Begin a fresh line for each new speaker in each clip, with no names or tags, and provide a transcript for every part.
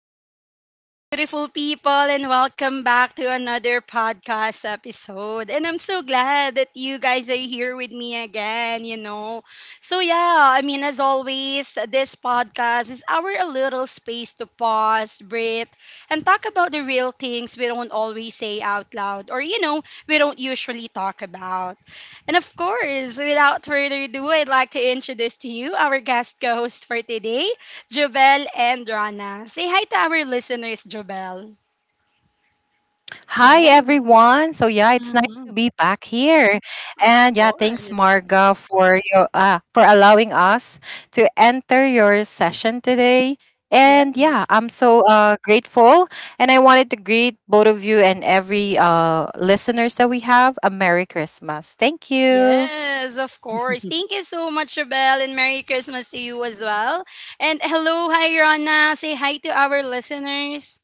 right. Hello, beautiful people, and welcome back to another podcast episode. And I'm so glad that you guys are here with me again, you know. So, yeah, I mean, as always, this podcast is our a little space to pause, breathe, and talk about the real things we don't always say out loud or, you know, we don't usually talk about. And of course, without further ado, I'd like to introduce to you our guest co host for today. Jovel and Rana. Say hi to our listeners, Jovel.
Hi,
Yes.
everyone. So it's nice
Hmm.
to be back here.
Of
And yeah, thanks,
course.
Marga, for your for allowing us to enter your session today. And yeah,
Yes.
I'm so grateful. And I wanted to greet both of you and every listeners that we have a Merry Christmas. Thank you.
Yes, of course. Thank you so much, Jovel, and Merry Christmas to you as well. And hello, hi, Rana. Say hi to our listeners.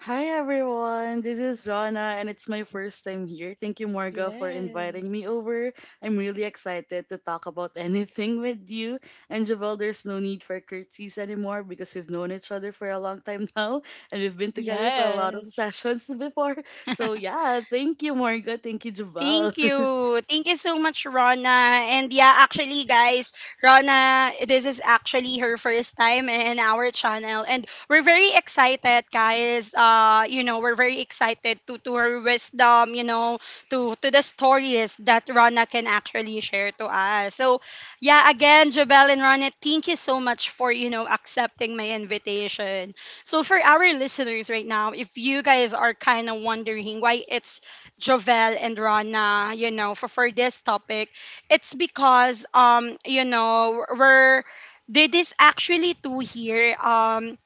Hi everyone, this is Rana and it's my first time here. Thank you, Morga, for inviting
Yes.
me over. I'm really excited to talk about anything with you. And Javel, there's no need for curtsies anymore because we've known each other for a long time now and we've been together for a lot of
Yes.
sessions before. So yeah, thank you, Morga. Thank you, Javel.
Thank you. Thank you so much, Rona. And yeah, actually, guys, Rona, this is actually her first time in our channel. And we're very excited, guys. You know, we're very excited to, her wisdom, you know, to the stories that Rona can actually share to us. So, yeah, again, Jabel and Rona, thank you so much for, you know, accepting my invitation. So, for our listeners right now, if you guys are kind of wondering why it's Jovel and Rana, you know, for this topic, it's because you know, we're they this actually two here.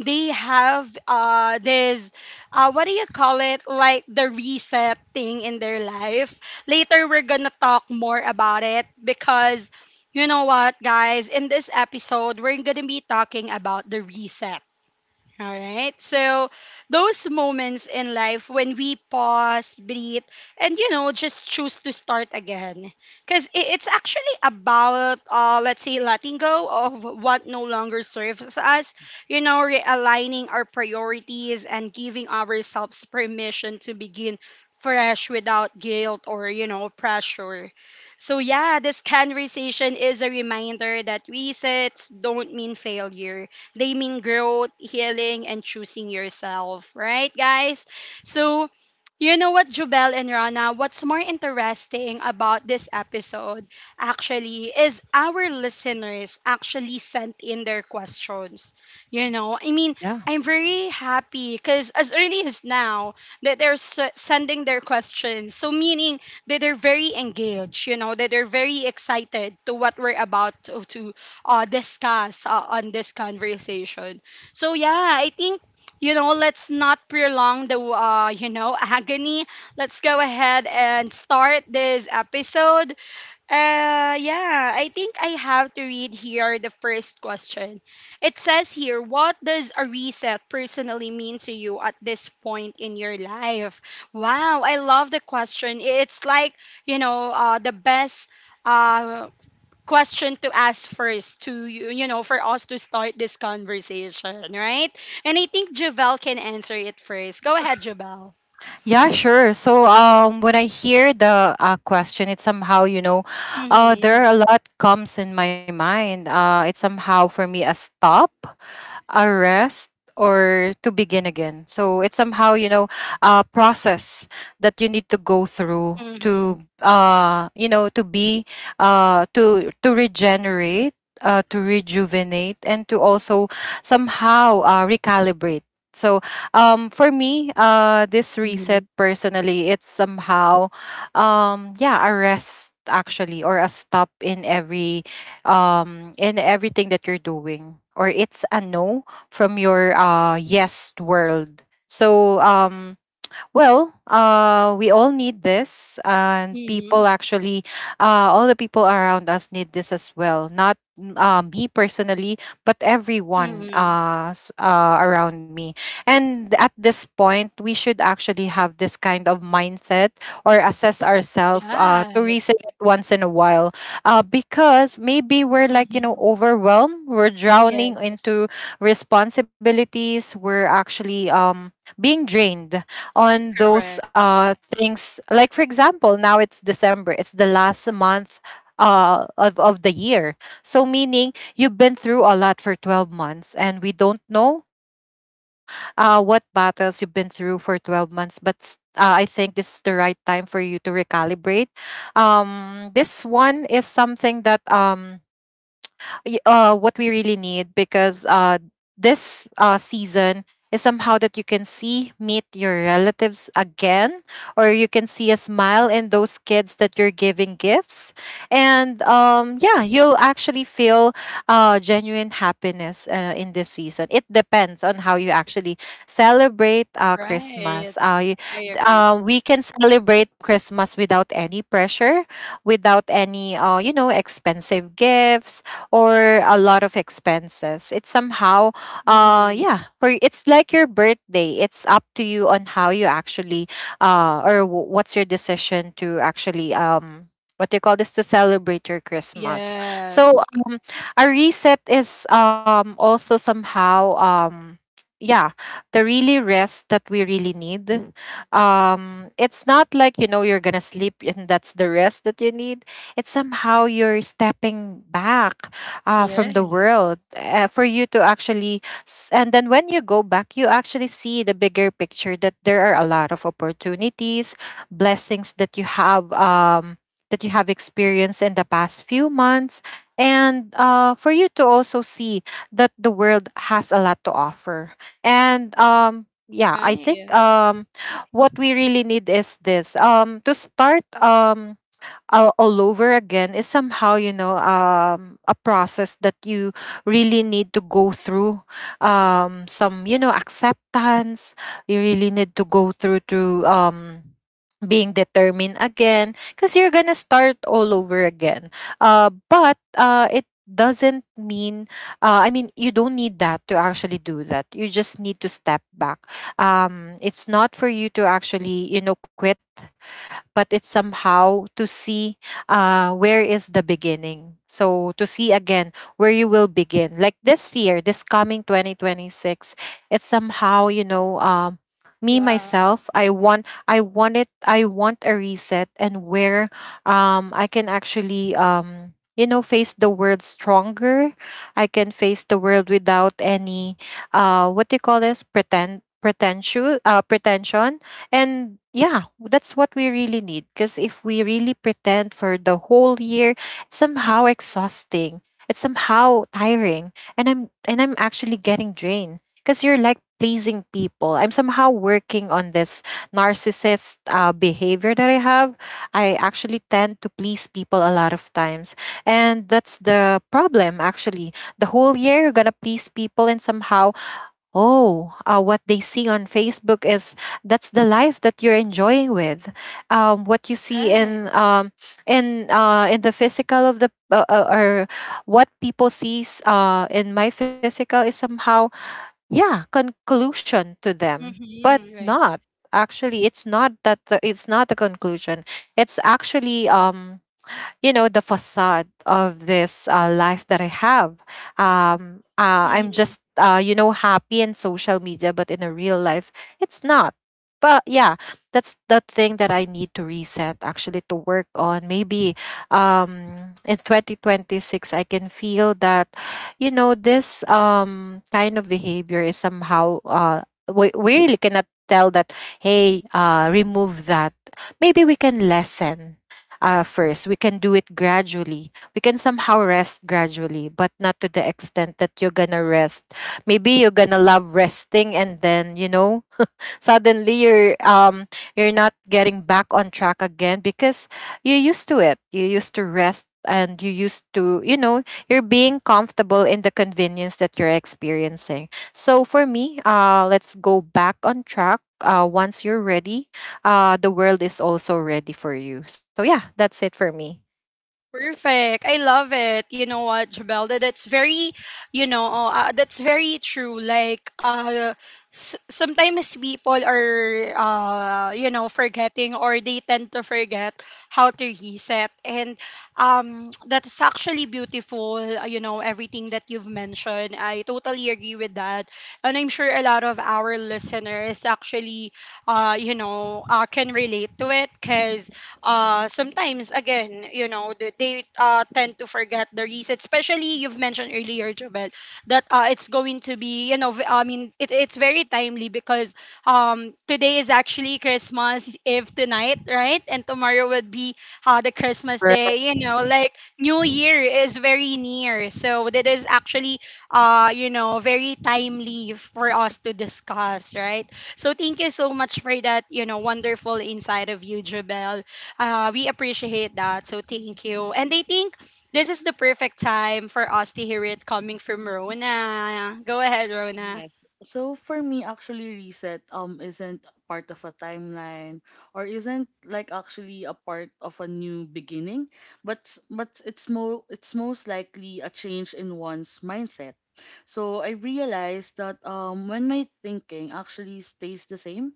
They have this what do you call it? Like the reset thing in their life. Later we're gonna talk more about it because you know what guys, in this episode we're gonna be talking about the reset all right. So those moments in life when we pause, breathe, and you know, just choose to start again. Because it's actually about, let's say, letting go of what no longer serves us, you know, realigning our priorities and giving ourselves permission to begin fresh without guilt or, you know, pressure. So, yeah, this conversation is a reminder that resets don't mean failure they mean growth, healing, and choosing yourself, right, guys? So, you know what, Jubel and Rana, what's more interesting about this episode actually is our listeners actually sent in their questions. You know, I mean,
Yeah.
I'm very happy because as early as now that sending their questions. So, meaning that they're very engaged, you know, that they're very excited to what we're about to, discuss on this conversation. So yeah, I think you know let's not prolong the you know agony. Let's go ahead and start this episode. Yeah, I think I have to read here the first question. It says here, what does a reset personally mean to you at this point in your life? Wow, I love the question. It's like you know the best uh question to ask first to you you know for us to start this conversation right and I think Javel can answer it first. Go ahead, Javel.
Yeah, sure. So when I hear the question, it somehow, there
Mm-hmm.
are a lot comes in my mind. It's somehow for me a stop, a rest, or to begin again. So it's somehow, you know, a process that you need to go through
Mm-hmm.
to, to be, to regenerate, to rejuvenate, and to also somehow recalibrate. So for me this reset personally, it's somehow, yeah, a rest actually, or a stop in every in everything that you're doing, or it's a no from your yes world. So well, we all need this, and people
Mm-hmm.
actually, all the people around us need this as well. Not me personally, but everyone
Mm-hmm.
around me. And at this point, we should actually have this kind of mindset or assess ourselves to
Yes.
reset it once in a while, because maybe we're like, you know,
Mm-hmm.
overwhelmed. We're drowning
Yes.
into responsibilities. We're actually being drained on
Correct.
those things. Like, for example, now it's December, it's the last month of the year. So, meaning you've been through a lot for 12 months, and we don't know what battles you've been through for 12 months, but I think this is the right time for you to recalibrate. This one is something that. What we really need, because this season is somehow that you can see, meet your relatives again, or you can see a smile in those kids that you're giving gifts. And yeah, you'll actually feel genuine happiness in this season. It depends on how you actually celebrate
Right.
Christmas,
I agree.
we can celebrate Christmas without any pressure, without any you know, expensive gifts or a lot of expenses. It's somehow,
Mm-hmm.
yeah, for it's like your birthday. It's up to you on how you actually, what's your decision to actually, what do you call this, to celebrate your Christmas. So
Yes.
um, a reset is also somehow, yeah, the really rest that we really need. Mm. It's not like, you know, you're gonna sleep and that's the rest that you need. It's somehow you're stepping back from the
Yes.
world for you to actually and then when you go back you actually see the bigger picture, that there are a lot of opportunities, blessings that you have, that you have experienced in the past few months. And for you to also see that the world has a lot to offer. And yeah, I think,
Right.
what we really need is this, to start, um, all over again, is somehow, you know, a process that you really need to go through, some, you know, acceptance you really need to go through to, being determined again, because you're gonna start all over again. But it doesn't mean, I mean, you don't need that to actually do that, you just need to step back. It's not for you to actually, you know, quit, but it's somehow to see where is the beginning. So to see again where you will begin. Like this year, this coming 2026, it's somehow, you know, me
Yeah.
myself, I want a reset, and where I can actually you know, face the world stronger. I can face the world without any what do you call this? Pretend pretentious pretension. And yeah, that's what we really need. Because if we really pretend for the whole year, it's somehow exhausting. It's somehow tiring. And I'm actually getting drained. Because you're like pleasing people. I'm somehow working on this narcissist behavior that I have. I actually tend to please people a lot of times. And that's the problem actually. The whole year you're gonna please people, and somehow, oh, what they see on Facebook is that's the life that you're enjoying with. What you see
Right.
in the physical of the or what people sees in my physical is somehow, yeah, conclusion to them, but
Mm-hmm. Right.
not actually. It's not that it's not a conclusion. It's actually you know, the facade of this life that I have. I'm just you know, happy in social media, but in a real life, it's not. But yeah, that's the thing that I need to reset actually, to work on. Maybe in 2026 I can feel that, you know, this kind of behavior is somehow we really cannot tell that, hey, remove that. Maybe we can lessen first. We can do it gradually. We can somehow rest gradually, but not to the extent that you're gonna rest. Maybe you're gonna love resting, and then, you know, suddenly you're not getting back on track again, because you used to it, you used to rest, and you used to, you know, you're being comfortable in the convenience that you're experiencing. So for me, let's go back on track once you're ready. The world is also ready for you. So yeah, that's it for me.
Perfect. I love it. You know what, Jabelda? That's very, you know, oh, that's very true. Like, sometimes people are, you know, forgetting or they tend to forget how to reset. And that's actually beautiful, you know, everything that you've mentioned. I totally agree with that. And I'm sure a lot of our listeners actually, you know, can relate to it because sometimes again you know they tend to forget the reset especially you've mentioned earlier Jobel that it's going to be you know I mean it, it's very timely because today is actually Christmas Eve tonight right and tomorrow would be the Christmas day
Correct.
you know like New Year is very near so that is actually you know very timely for us to discuss right so thank you so much for that, you know, wonderful inside of you, Jabel. We appreciate that. So thank you. And I think this is the perfect time for us to hear it coming from Rona. Go ahead, Rona.
Yes. So for me, actually, reset isn't part of a timeline or isn't like actually a part of a new beginning, but but it's more, it's most likely a change in one's mindset. So I realized that when my thinking actually stays the same,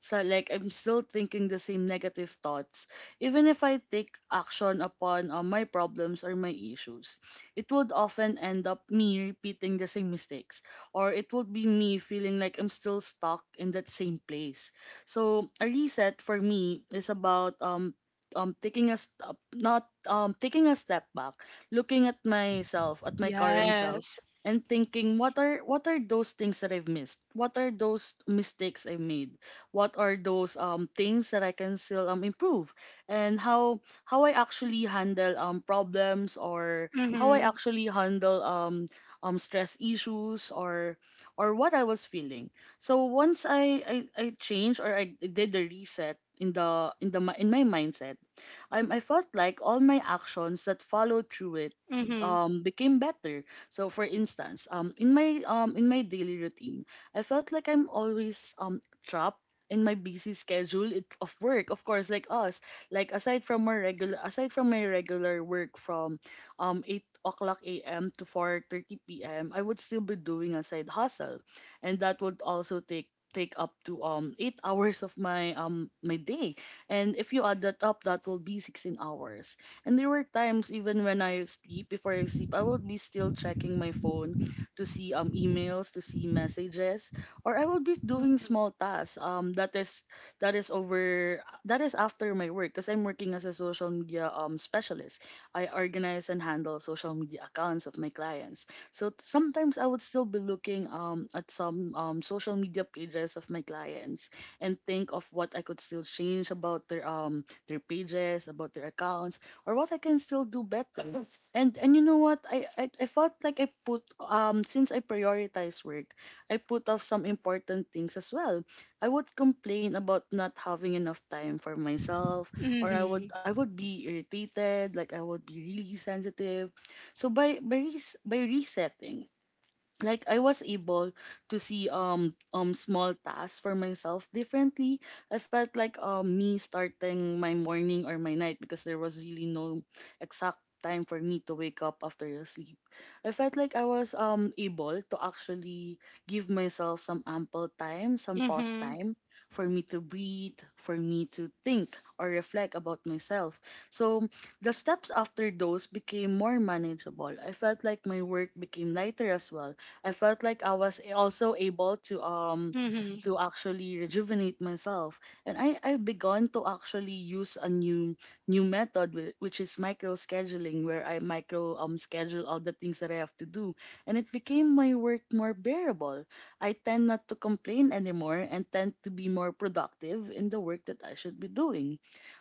so like I'm still thinking the same negative thoughts, even if I take action upon my problems or my issues. It would often end up me repeating the same mistakes, or it would be me feeling like I'm still stuck in that same place. So a reset for me is about taking a step, not taking a step back, looking at myself, at my current self,
Yes.
and thinking, what are those things that I've missed? What are those mistakes I made? What are those things that I can still improve, and how I actually handle problems, or how I
Mm-hmm.
actually handle stress issues or what I was feeling. So once I changed or I did the reset in the in my mindset, I felt like all my actions that followed through it
Mm-hmm.
became better. So for instance, in my daily routine, I felt like I'm always trapped in my busy schedule, it, of work, of course, like us, like aside from my regular, aside from my regular work from 8 o'clock am to 4:30 pm, I would still be doing a side hustle, and that would also take up to 8 hours of my my day. And if you add that up, that will be 16 hours. And there were times, even when I sleep, before I sleep, I would be still checking my phone to see emails, to see messages, or I will be doing small tasks. That is, that is over that is after my work, because I'm working as a social media specialist. I organize and handle social media accounts of my clients. So sometimes I would still be looking at some social media pages of my clients and think of what I could still change about their pages, about their accounts, or what I can still do better. And you know what? I felt like I put since I prioritize work, I put off some important things as well. I would complain about not having enough time for myself, or
Mm-hmm.
I would be irritated, like I would be really sensitive. So by resetting, like I was able to see small tasks for myself differently. I felt like me starting my morning or my night, because there was really no exact time for me to wake up after a sleep. I felt like I was able to actually give myself some ample time, some pause
Mm-hmm.
time for me to breathe, for me to think or reflect about myself. So the steps after those became more manageable. I felt like my work became lighter as well. I felt like I was also able
Mm-hmm.
to actually rejuvenate myself, and I've begun to actually use a new new method, which is micro scheduling, where I micro schedule all the things that I have to do, and it became my work more bearable. I tend not to complain anymore and tend to be more productive in the work that I should be doing.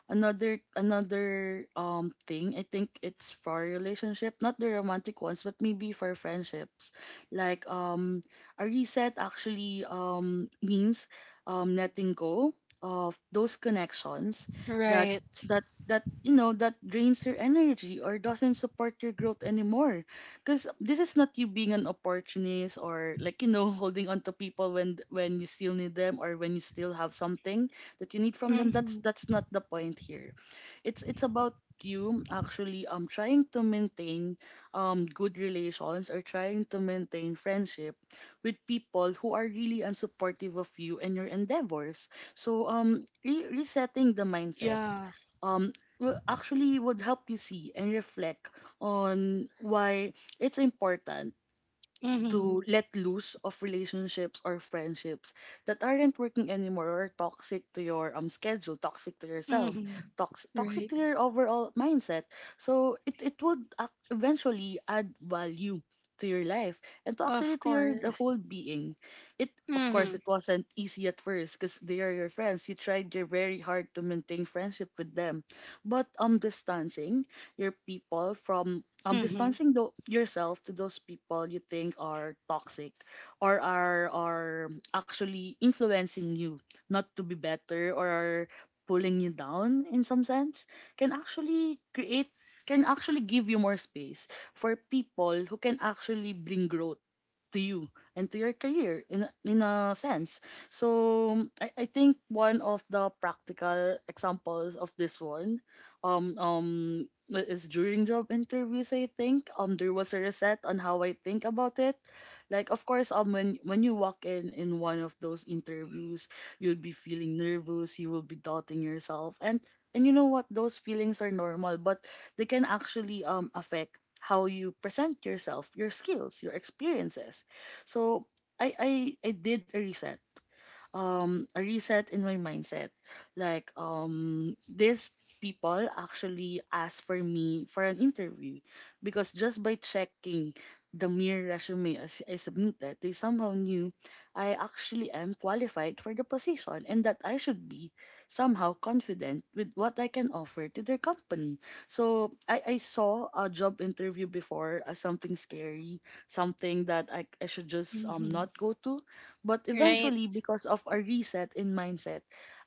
Another thing, I think it's for relationship, not the romantic ones, but maybe for friendships. Like a reset actually means letting go of those connections that
Right.
you know that drains your energy or doesn't support your growth anymore. Because this is not you being an opportunist, or like, you know, holding on to people when you still need them, or when you still have something that you need from them.
Mm-hmm.
That's not the point here. It's about you actually trying to maintain good relations, or trying to maintain friendship with people who are really unsupportive of you and your endeavors. So resetting the mindset
Yeah.
um, will actually would help you see and reflect on why it's important
Mm-hmm.
to let loose of relationships or friendships that aren't working anymore, or toxic to your schedule, toxic to yourself,
Mm-hmm. Right.
toxic to your overall mindset. So it would eventually add value to your life, and to
Of
actually to your the
course.
whole being. It Of
Mm-hmm.
course it wasn't easy at first, because they are your friends. You tried your very hard to maintain friendship with them. But distancing your people from
Mm-hmm.
distancing yourself to those people you think are toxic, or are actually influencing you not to be better, or are pulling you down in some sense, can actually create can actually give you more space for people who can actually bring growth to you and to your career in a sense. So I think one of the practical examples of this one, um um is during job interviews. I think there was a reset on how I think about it. Like of course when you walk in one of those interviews, you'll be feeling nervous, you will be doubting yourself, and you know what, those feelings are normal, but they can actually affect how you present yourself, your skills, your experiences. So I I I did a reset, a reset in my mindset. Like these people actually asked for me for an interview, because just by checking the mere resume as I submitted, they somehow knew I actually am qualified for the position, and that I should be somehow confident with what I can offer to their company. So I saw a job interview before as something scary, something that I should just
Mm-hmm.
not go to. But
Right.
eventually, because of a reset in mindset,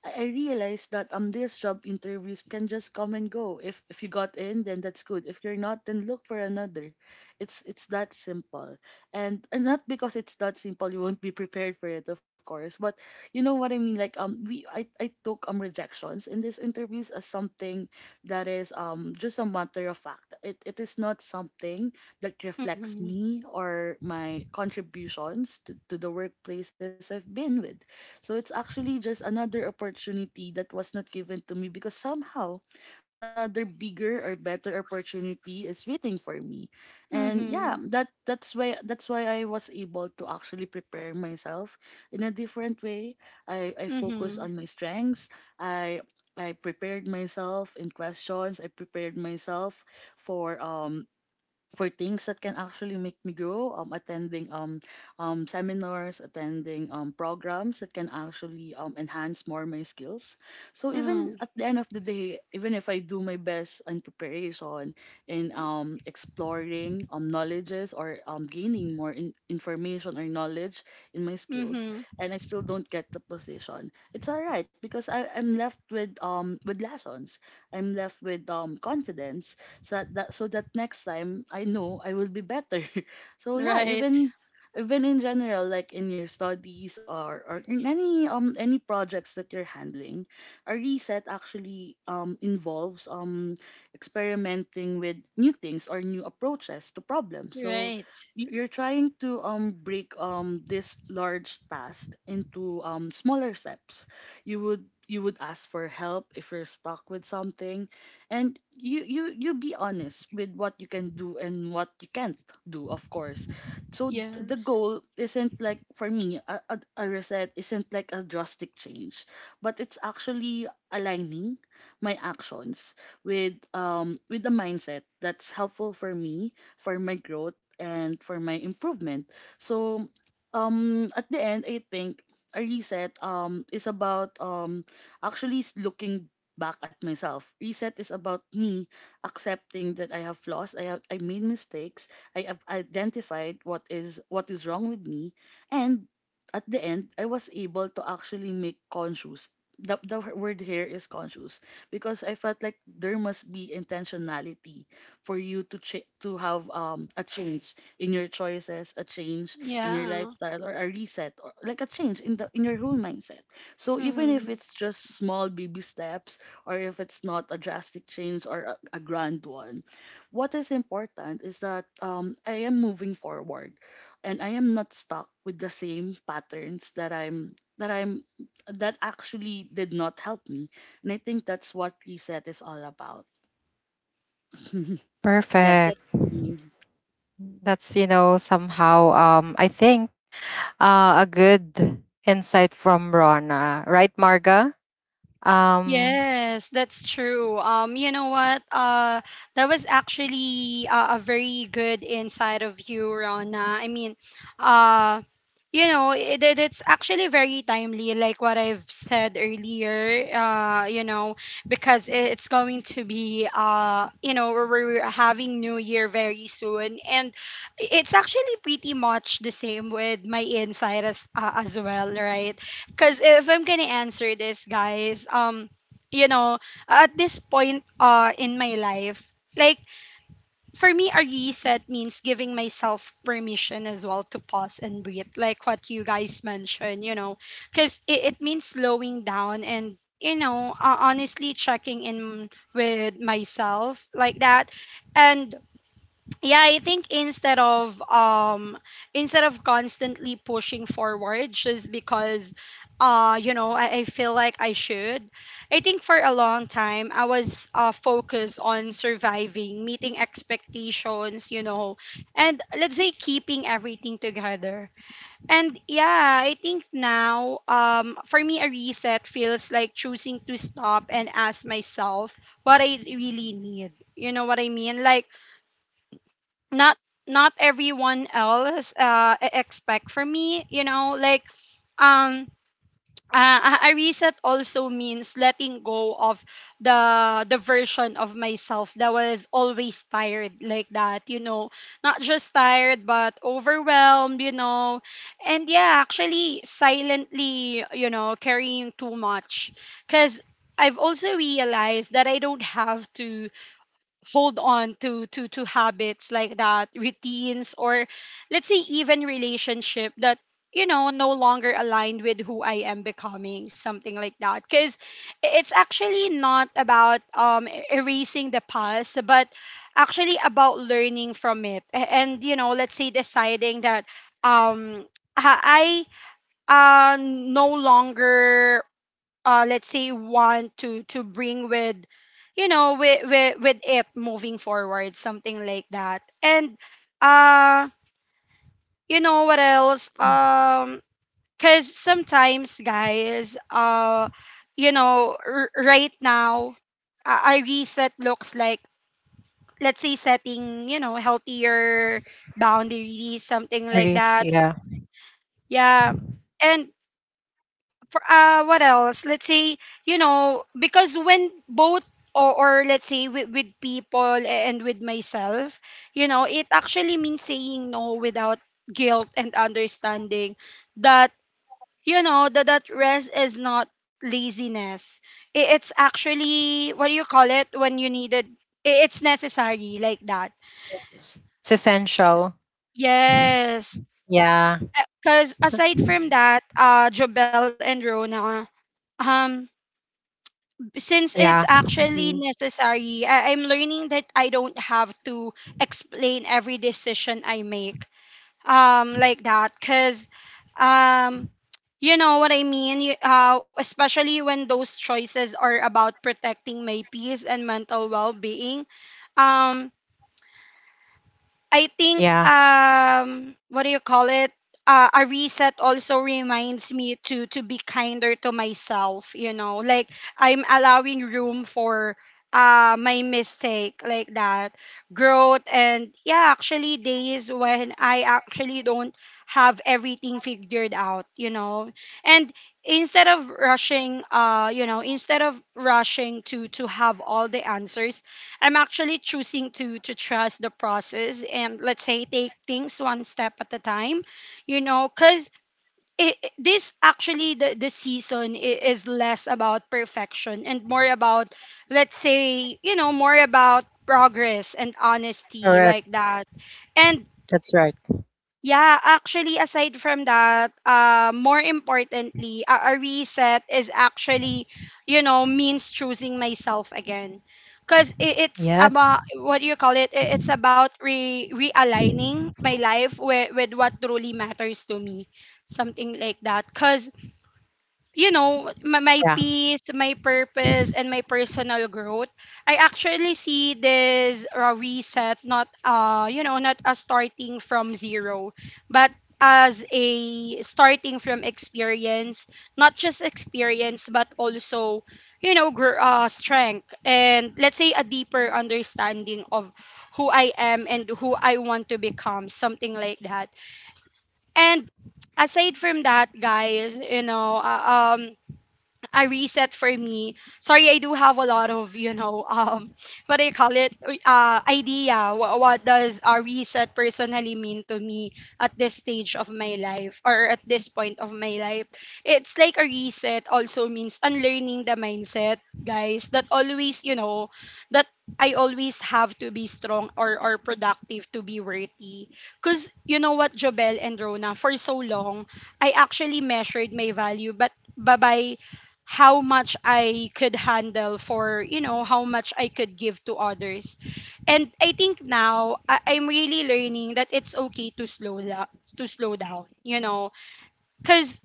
I realized that these job interviews can just come and go. If you got in, then that's good. If you're not, then look for another. It's that simple. And not because it's that simple, you won't be prepared for it, of course. But you know what I mean? Like we I took rejections in these interviews as something that is just a matter of fact. It is not something that reflects
Mm-hmm.
me or my contributions to the workplaces I've been with. So it's actually just another opportunity that was not given to me, because somehow another bigger or better opportunity is waiting for me. And
Mm-hmm.
yeah, that's why I was able to actually prepare myself in a different way. I
Mm-hmm.
focus on my strengths. I I prepared myself in questions. I prepared myself for um for things that can actually make me grow, attending seminars, attending programs that can actually enhance more my skills. So
Mm-hmm.
even at the end of the day, even if I do my best in preparation, in exploring knowledges, or gaining more information or knowledge in my skills,
Mm-hmm.
and I still don't get the position, it's all right, because I'm left with lessons, I'm left with confidence. So that, so that next time I know I will be better. So yeah,
Right.
even in general, like in your studies, or in any projects that you're handling, a reset actually involves experimenting with new things or new approaches to problems. So
Right.
you're trying to break this large task into smaller steps. You would ask for help if you're stuck with something, and you be honest with what you can do and what you can't do, of course. So the
Yes.
goal isn't, like, for me, a reset isn't like a drastic change, but it's actually aligning my actions with a mindset that's helpful for me, for my growth and for my improvement. So at the end, I think a reset is about actually looking back at myself. Reset is about me accepting that I have flaws, I made mistakes, I have identified what is wrong with me, and at the end, I was able to actually make conscious. The word here is conscious because I felt like there must be intentionality for you to have a change in your choices, a change in your
Yeah.
lifestyle, or a reset, or like a change in the in your whole mindset. So even if
Hmm.
it's just small baby steps, or if it's not a drastic change or a grand one. What is important is that I am moving forward and I am not stuck with the same patterns that actually did not help me. And I think that's what reset is all about. Yes, that's
Perfect.
for me.
That's, you know, somehow, I think a good insight from Rona, right, Marga? Um,
Yes, that's true. You know what? That was actually a very good insight of you, Rona. I mean, uh, you know, it's actually very timely, like what I've said earlier. You know, because it's going to be you know, we're having New Year very soon, and it's actually pretty much the same with my insight as well, right? Because if I'm gonna answer this, guys, you know, at this point in my life, like for me a reset means giving myself permission as well to pause and breathe, like what you guys mentioned, you know, cuz it, it means slowing down and you know, honestly checking in with myself like that and yeah I think instead of constantly pushing forward just because you know I feel like I should. I think for a long time I was focused on surviving meeting expectations you know and let's say keeping everything together and yeah I think now for me a reset feels like choosing to stop and ask myself what I really need you know what I mean like not not everyone else expect from me you know like um a reset also means letting go of the version of myself that was always tired like that you know not just tired but overwhelmed you know and yeah actually silently you know carrying too much cuz I've also realized that I don't have to hold on to to habits like that routines or let's say even relationship that you know no longer aligned with who I am becoming something like that because it's actually not about erasing the past but actually about learning from it and you know let's say deciding that um I, no longer let's say want to bring with you know with it moving forward something like that and uh you know what else because sometimes guys you know right now I reset looks like let's say setting you know healthier boundaries something like
risk,
that
yeah.
yeah and for what else let's say you know because when both or let's say with people and with myself you know it actually means saying no without guilt and understanding that you know that that rest is not laziness it's actually what do you call it when you needed it's necessary like that
It's essential.
yes
Yeah.
because
So-
aside from that Jobel and Rona um since it's
yeah.
actually
Mm-hmm.
necessary, I'm learning that I don't have to explain every decision I make like that cuz um you know what I mean you, especially when those choices are about protecting my peace and mental well-being um I think
Yeah.
what do you call it? A reset also reminds me to be kinder to myself, you know. Like I'm allowing room for my mistake like that, growth and yeah, actually days when I actually don't have everything figured out, you know. And instead of rushing you know, instead of rushing to have all the answers, I'm actually choosing to trust the process and let's say take things one step at a time, you know, because this actually the season is less about perfection and more about let's say you know more about progress and honesty
Correct.
like that and
That's right.
yeah, actually, aside from that, more importantly, a reset is actually, you know, means choosing myself again. Because
Yes.
it's about, what do you call it? It's about re realigning my life with what truly matters to me. Something like that. Because you know, my,
Yeah.
my peace, my purpose, and my personal growth, I actually see this reset not, you know, not as starting from zero, but as a starting from experience, not just experience, but also, you know, strength and let's say a deeper understanding of who I am and who I want to become, something like that. And aside from that, guys, you know, a reset for me. Sorry, I do have a lot of, you know, what do you call it? Idea. What does a reset personally mean to me at this stage of my life or at this point of my life? It's like a reset also means unlearning the mindset, guys, that always, you know, that I always have to be strong or productive to be worthy. Because you know what, Jobel and Rona, for so long, I actually measured my value, but by how much I could handle for, you know, how much I could give to others. And I think now I'm really learning that it's okay to slow down, you know, cuz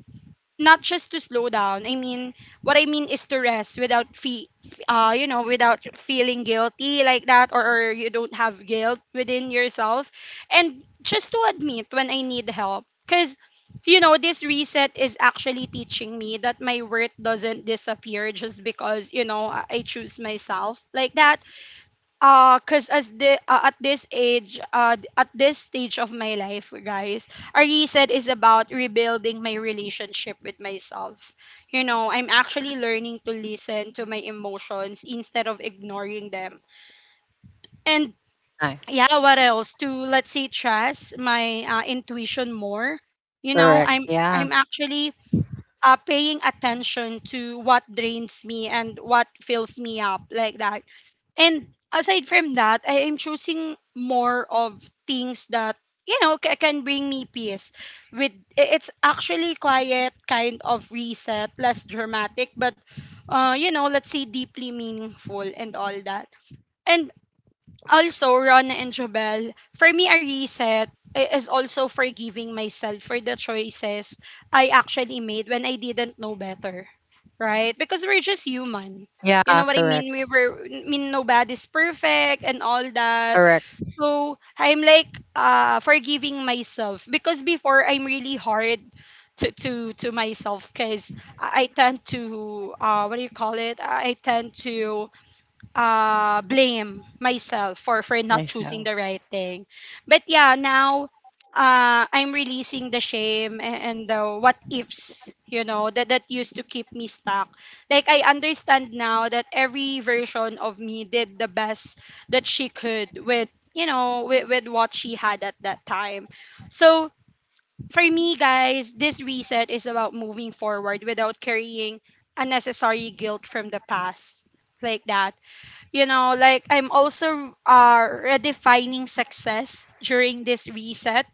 not just to slow down. I mean, what I mean is to rest without you know, without feeling guilty like that, or you don't have guilt within yourself, and just to admit when I need help, because you know this reset is actually teaching me that my worth doesn't disappear just because you know I choose myself like that. Cuz as the At this age, at this stage of my life, guys, a reset is about rebuilding my relationship with myself. You know, I'm actually learning to listen to my emotions instead of ignoring them. And
No.
yeah, what else, to let's say trust my intuition more. You know, i'm
Correct.
i'm
Yeah.
actually paying attention to what drains me and what fills me up like that. And aside from that, I am choosing more of things that you know can bring me peace. With it's actually quiet kind of reset, less dramatic, but you know, let's say deeply meaningful and all that. And also, Ron and Jobel, for me a reset is also forgiving myself for the choices I actually made when I didn't know better. Right? Because we're just human. You
Yeah.
know what I mean? We
Correct.
were I mean nobody's perfect and all that.
Correct.
So I'm like forgiving myself because before I'm really hard to myself because I tend to what do you call it? I tend to blame myself for not choosing the
Yourself.
right thing. But yeah, now I'm releasing the shame, and the what ifs, you know, that used to keep me stuck. Like, I understand now that every version of me did the best that she could with, you know, with what she had at that time. So for me, guys, this reset is about moving forward without carrying unnecessary guilt from the past like that. You know, like I'm also redefining success during this reset.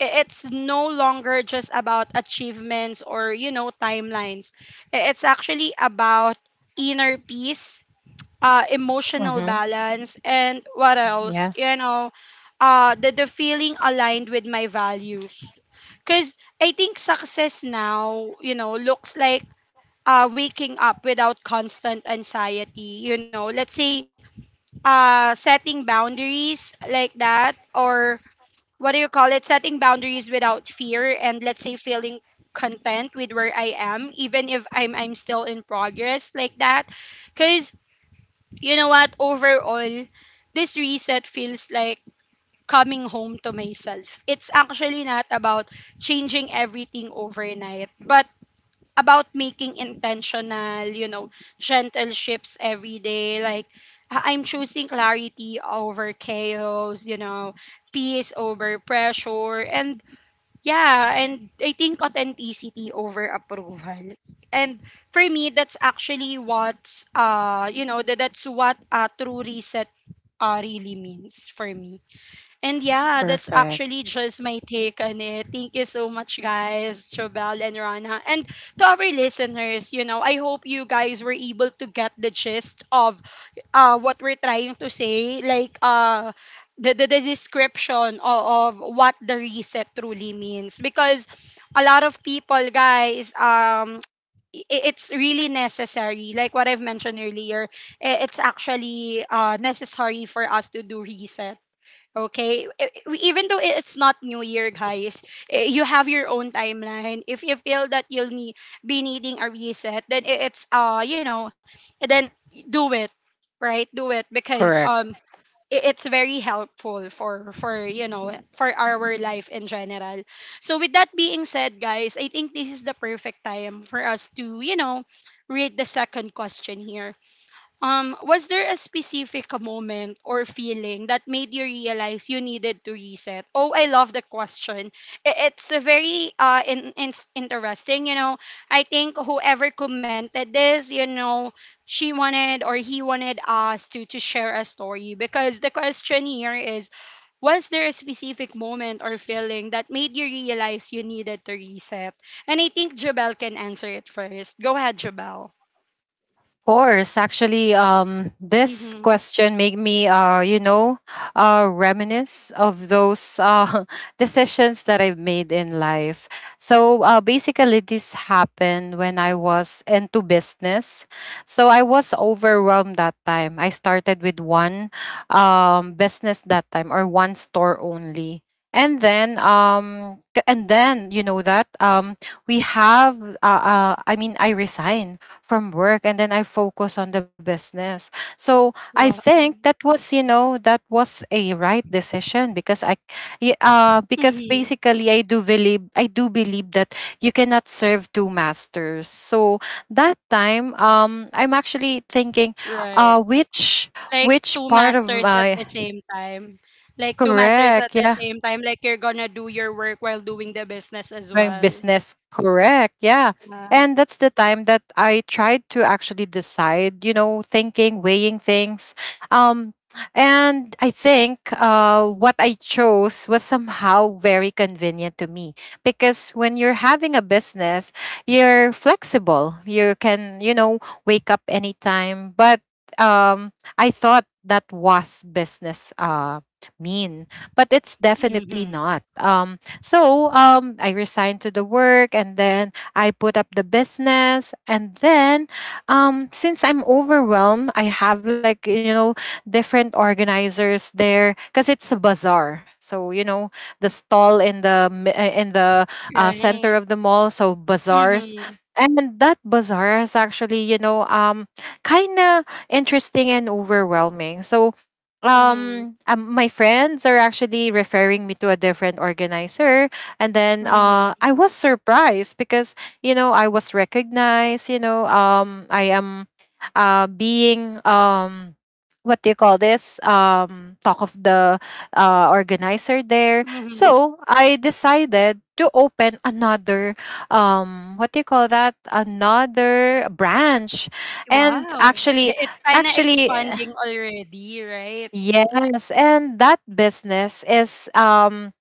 It's no longer just about achievements or, you know, timelines. It's actually about inner peace, emotional
Mm-hmm.
balance, and what else,
Yes.
you know, the feeling aligned with my values. Because I think success now, you know, looks like waking up without constant anxiety. You know, let's say setting boundaries like that, or what do you call it, setting boundaries without fear, and let's say feeling content with where I am even if I'm still in progress like that. Because you know what, overall, this reset feels like coming home to myself. It's actually not about changing everything overnight, but about making intentional, you know, gentle shifts every day. Like, I'm choosing clarity over chaos, you know, peace over pressure, and yeah, and I think authenticity over approval. And for me, that's actually what's, you know, that's what a true reset really means for me. And yeah, that's
Perfect.
actually just my take on it. Thank you so much, guys, Chobel and Rana. And to our listeners, you know, I hope you guys were able to get the gist of what we're trying to say. Like, the description of what the reset truly means. Because a lot of people, guys, it's really necessary, like what I've mentioned earlier. It's actually necessary for us to do resets. Okay. Even though it's not New Year, guys, eh, you have your own timeline. If you feel that you'll need, be needing a reset, then I- it's you know, then do it, right? Do it, because
Correct.
it's very helpful for you know, for our life in general. So with that being said, guys, I think this is the perfect time for us to, you know, read the second question here. Was there a specific moment or feeling that made you realize you needed to reset? Oh, I love the question. It's a very interesting. You know, I think whoever commented this, you know, she wanted or he wanted us to share a story, because the question here is, was there a specific moment or feeling that made you realize you needed to reset? And I think Jabel can answer it first. Go ahead, Jabel.
Course. Actually, this
Mm-hmm.
question made me, reminisce of those decisions that I've made in life. So basically, this happened when I was into business. So I was overwhelmed that time. I started with one business that time, or one store only. And then, you know that, we have. I mean, I resigned from work, and then I focus on the business. So
Wow.
I think that was, you know, that was a right decision, because I because
Mhm.
basically I do believe that you cannot serve two masters. So that time, I'm actually thinking
Right.
uh which
Like two
which part of
masters at the
my
same time. Like two masters at
correct,
the
yeah.
same time. Like you're gonna do your work while doing the business as well.
Doing business, correct. Yeah.
Yeah.
And that's the time that I tried to actually decide, you know, thinking, weighing things. Um, and I think what I chose was somehow very convenient to me, because when you're having a business, you're flexible. You can, you know, wake up anytime. But um, I thought that was business, mean, but it's
Mm-hmm.
definitely not. I resigned to the work, and then I put up the business. And then since I'm overwhelmed, I have like, you know, different organizers there, because it's a bazaar. So, you know, the stall in the
Right.
center of the mall, so bazaars.
Mm-hmm.
And that bazaar is actually, you know, kind of interesting and overwhelming. So,
Mm-hmm.
um, um my friends are actually referring me to a different organizer. And then
Mm-hmm.
I was surprised, because you know, I was recognized. You know, I am being what do you call this? Talk of the organizer there.
Mm-hmm.
So I decided to open another what do you call that? Another branch. and
Wow.
actually,
It's kind of
actually,
expanding already, right?
yes. And that business is, um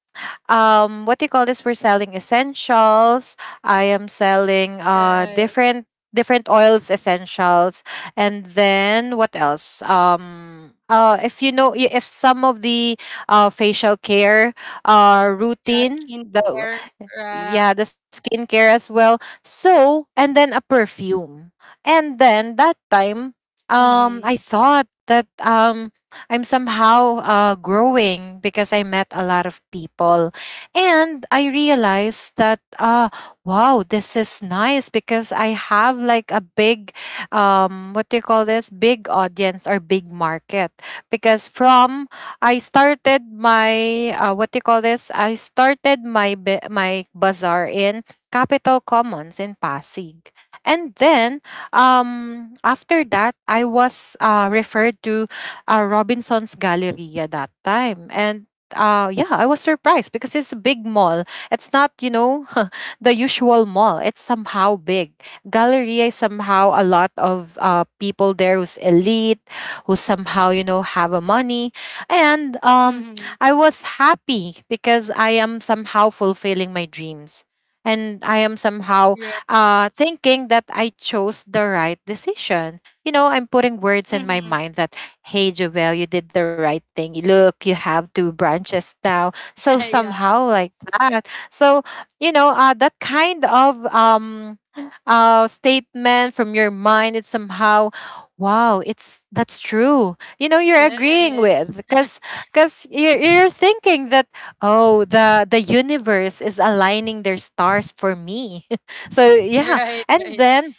um what do you call this, we're selling essentials. I am selling
Right.
different oils, essentials. And then what else? If you know, if some of the facial care
Yeah,
routine, the,
skincare. Yeah.
yeah, the skincare as well. So, and then a perfume. And then that time, I
Mm-hmm.
thought that I'm somehow growing, because I met a lot of people. And I realized that wow, this is nice, because I have like a big what do you call this? Big audience or big market. Because from, I started my what do you call this? I started my my bazaar in Capital Commons in Pasig. And then after that I was referred to Robinson's Galleria that time. And yeah, I was surprised, because it's a big mall. It's not, you know, the usual mall. It's somehow big. Galleria is somehow a lot of people there who's elite, who somehow, you know, have a money. And
Mm-hmm.
I was happy, because I am somehow fulfilling my dreams. And I am somehow
Right.
thinking that I chose the right decision. You know, I'm putting words in my
Mm-hmm.
mind that, hey, Jovel, you did the right thing. Look, you have two branches now. So
yeah.
somehow like that. So, you know, that kind of statement from your mind, it's somehow, wow, it's that's true, you know, you're agreeing
Yes.
with, because you're thinking that, oh, the universe is aligning their stars for me. So yeah.
Right,
And
right.
then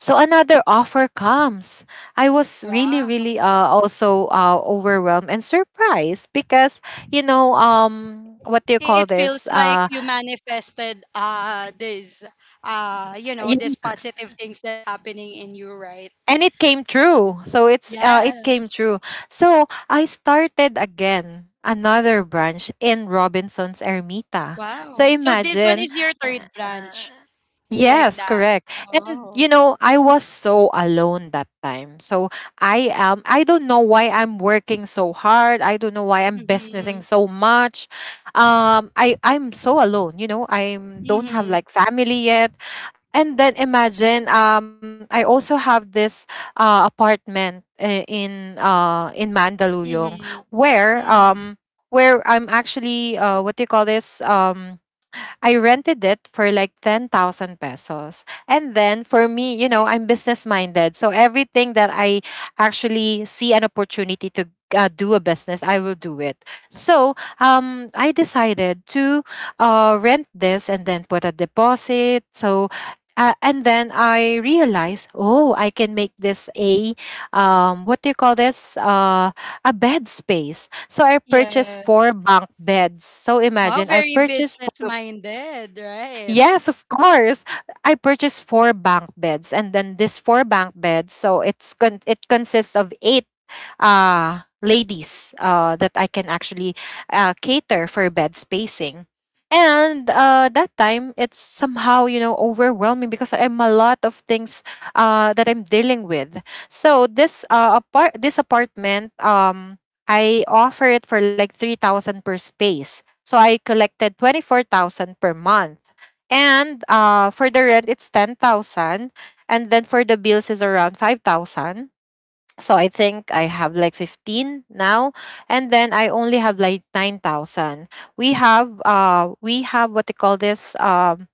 so another offer comes. I was really
Wow.
really uh, also overwhelmed and surprised because, you know, what do you call
It feels
this?
like you manifested this you know, this positive things that's happening in you, right?
And it came true. So it came
Yes.
true. So I started again another branch in Robinson's Ermita. So
Wow, so this one
imagine.
is your
uh,
third branch. Like
yes,
that.
correct. And
Oh.
you know, I was so alone that time. So I don't know why I'm working so hard. I don't know why I'm
Mm-hmm.
businessing so much. I'm so alone, you know, I don't have
Mm-hmm.
like family yet. And then imagine, I also have this apartment, eh, in Mandaluyong,
Mm-hmm.
where
Hmm.
um where I'm actually what do you call this? I rented it for like 10,000 pesos. And then for me, you know,
Right.
I'm business minded. So everything that I actually see an opportunity to do a business, I will do it. So I decided to rent this and then put a deposit. So and then I realized, oh, I can make this a what do you call this? A bed space. So I purchased four
Yes.
bunk beds. So
Wow,
imagine, I
very
purchased
business
four.
minded, right?
Yes, of course. I purchased four bunk beds, and then this four bunk beds, so it consists of eight ladies that I can actually cater for bed spacing. And that time, it's somehow, you know, overwhelming because I'm a lot of things that I'm dealing with. So this apartment, I offer it for like 3,000 per space. So I collected 24,000 per month, and for the rent, it's 10,000. And then for the bills is around 5,000. So I think I have like 15 now. And then I only have like 9,000. We have, what they call this,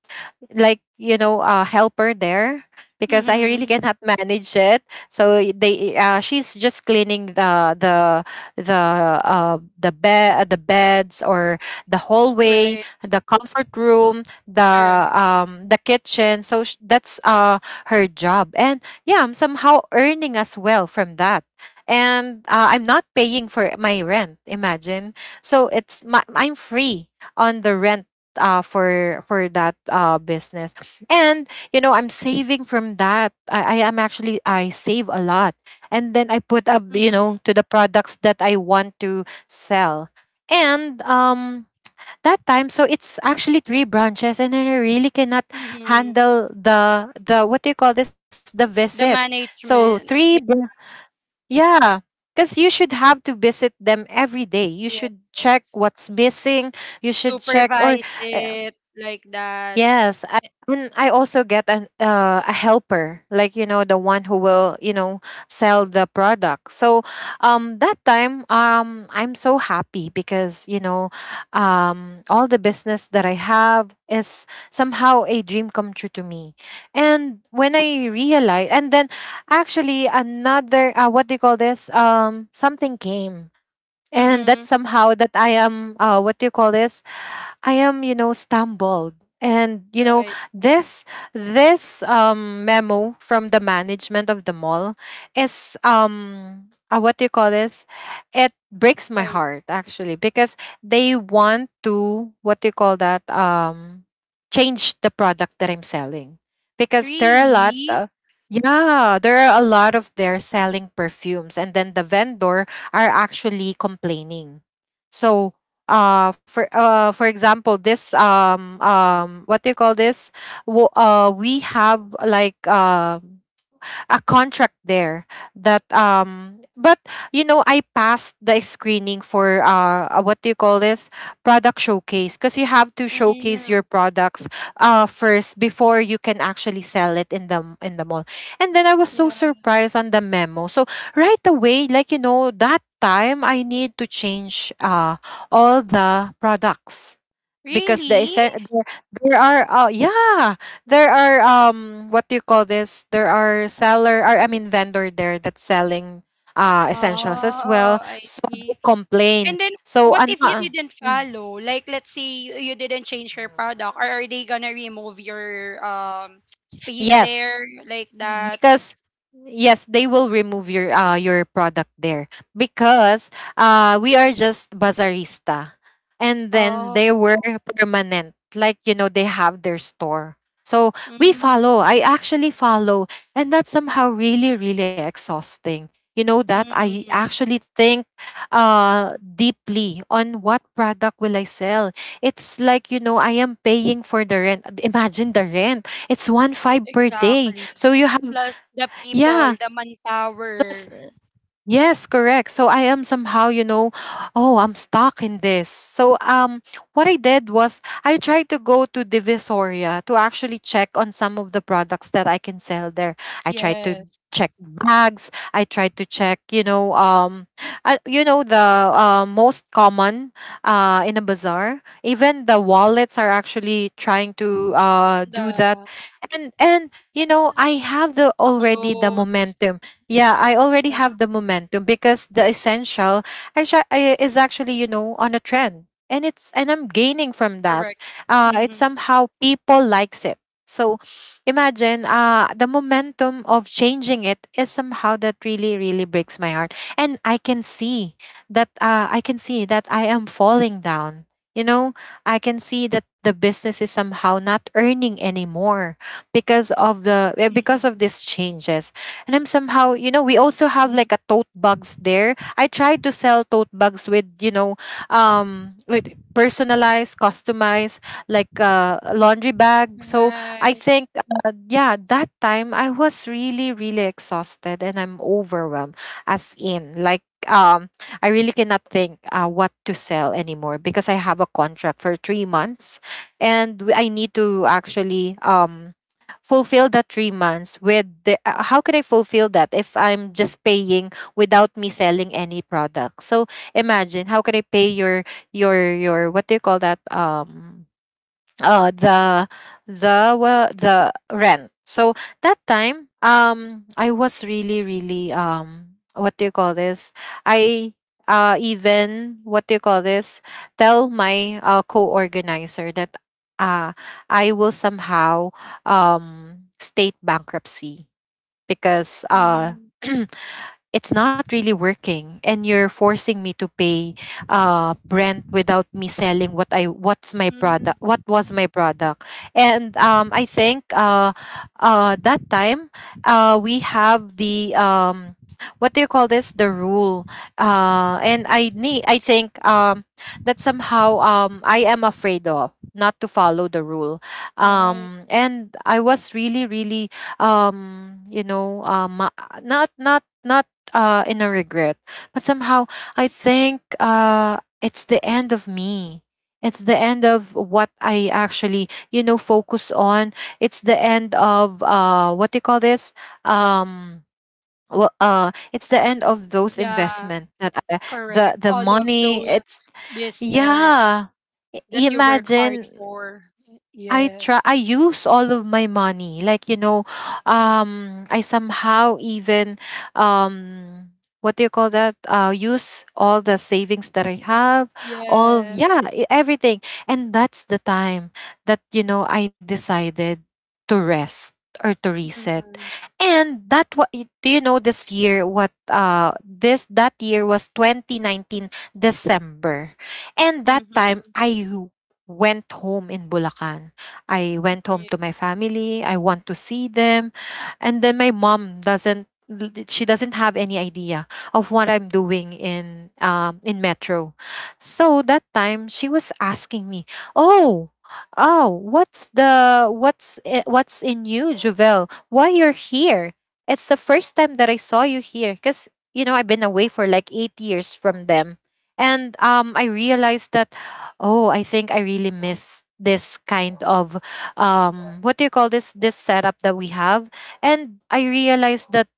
like, you know, a helper there because I really
Mm-hmm.
cannot manage it. So y- they she's just cleaning the beds, or the
Right.
hallway, the comfort room,
Correct.
the kitchen. So that's her job, and yeah, I'm somehow earning as well from that. And I'm not paying for my rent. Imagine, so it's my, I'm free on the rent for that business. And you know, I'm saving from that. I am actually, I save a lot, and then I put up, you
Mm-hmm.
know, to the products that I want to sell. And that time, so it's actually three branches, and then I really cannot
Mm-hmm.
handle the what do you call this, the visit.
The
So
management, yeah.
yeah, because you should have to visit them every day. You should check
Yes.
what's missing. You should check or
Supervise
uh,
it like that.
yes, I and I also get an a helper, like you know, the one who will, you know, sell the product. So, that time, I'm so happy because, you know, all the business that I have is somehow a dream come true to me. And when I realize, and then actually another what do you call this? Something came. And
Mm-hmm.
that's somehow that I am what do you call this? I am, you know, stumbled. And you know,
Right.
this memo from the management of the mall is what do you call this? It breaks my
Like,
heart, actually, because they want to, what do you call that? Um, change the product that I'm selling. Because there are a lot,
really?
yeah, there are a lot of they're selling perfumes, and then the vendor are actually complaining. So for example, this what do you call this? We have like a contract there that but you know, I passed the screening for what do you call this, product showcase, because you have to showcase
Mm,
your products first before you can actually sell it in the mall. And then I was so
yes.
surprised on the memo. So right away, like you know, that time I need to change all the products because
Really?
there, there are yeah, there are, what do you call this, there are seller, or I mean vendor there that's selling essentials as
Oh,
well.
I
So they
see.
complain.
And then
So
what if you didn't
mm,
follow? Like let's say you, didn't change your product. Are they gonna remove your space
yes,
there like that?
because yes, they will remove your product there because we are just bazaarista, and then
Oh,
they were permanent, like you know, they have their store. So we follow,
Mm,
I actually follow. And that's somehow really really exhausting. You know, that I
mm-hmm.
actually think deeply on what product will I sell. It's like you know, I am paying for the rent. Imagine, the rent, it's one five per day.
Exactly.
So you have,
Plus the people,
yeah.
the
Plus
manpower.
yes, correct. So I am somehow, you know, oh, I'm stuck in this. So what I did was I tried to go to Divisoria to actually check on some of the products that I can sell there. I tried to
Yes.
check bags, I tried to check, you know, you know, the most common in a bazaar. Even the wallets are actually trying to do that.
The
And you know, I have the already the
clothes.
momentum, yeah, I already
Yeah,
have the momentum because the essential, is actually, you know, on a trend. And it's, and I'm gaining from that.
correct.
It's
Mm-hmm.
somehow people likes it. So imagine, the momentum of changing it is somehow that really really breaks my heart. And I can see that, I can see that I am falling down. You know, I can see that the business is somehow not earning anymore because of the, because of
Mm-hmm.
these changes. And I'm somehow, you know, we also have
Hmm.
like a tote bags there. I tried to sell tote bags with, you know, with personalized, customized, like a laundry bag. So I
Right.
think, yeah, that time I was really, really exhausted, and I'm overwhelmed, as in, like, I really cannot think what to sell anymore because I have a contract for 3 months, and I need to actually fulfill the 3 months with the, how can I fulfill that if I'm just paying without me selling any product? So imagine, how can I pay your what do you call that? The the rent. So that time, I was really really, what do you call this, I even, what do you call this, tell my co-organizer that uh I will somehow, state bankruptcy, because
Mm-hmm.
it's not really working and you're forcing me to pay rent without me selling what's my
Mm-hmm.
product, what was my product. And I think, that time we have the, what do you call this, the rule. And I need, I think, that somehow, I am afraid of not to follow the rule.
Right.
And I was really really, you know, not not not in a regret, but somehow I think, it's the end of me. It's the end of what I actually, you know, focus on. It's the end of, what do you call this? Um, well, it's the end of those
Yeah,
investment that I,
correct.
the
All of
money. It's,
those business
yeah.
that you work hard
Imagine.
for.
I
Yes.
use all of my money. Like, you know, I somehow even, um what do you call that? Uh, use all the savings that I have, all,
Yes.
yeah, everything. And that's the time that, you know, I decided to rest or to reset.
Mm-hmm.
And that, what do you know, this year, what this that year was 2019 December. And that time
Mm-hmm.
I went home in Bulacan. I went home to
Right.
my family. I want to see them. And then my mom, doesn't l- d- she doesn't have any idea of what I'm doing in metro. So that time she was asking me, "Oh, oh, what's the, what's in you, Jovel? Why you're here? It's the first time that I saw you here, cuz you know, I've been away for like 8 years from them." And I realized that, oh, I think I really miss this kind of, what do you call this, setup that we have, and I realized that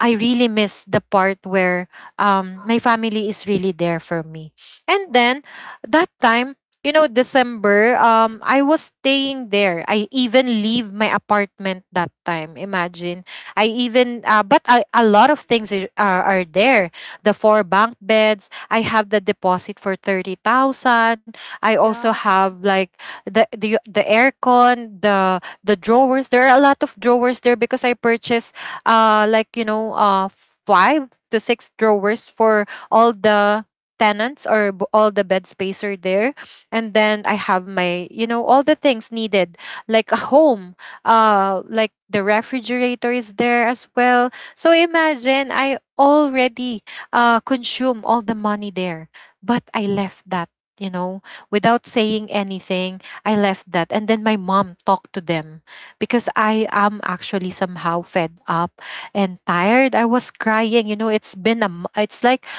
I really miss the part where my family is really there for me. And then that time, December, I was staying there. I even leave my apartment that time. Imagine. I even, but a lot of things are there. The four bunk beds. I have the deposit for 30,000. I also
Yeah.
have like the aircon, the drawers. There are a lot of drawers there because I purchased uh like you know uh five to six drawers for all the tenants or all the bed space are there, and then I have my, you know, all the things needed like a home, like the refrigerator is there as well. So imagine I already consume all the money there, but I left that, you know, without saying anything. I left that, and then my mom talked to them because I am actually somehow fed up and tired. I was crying. You know, it's been a, it's like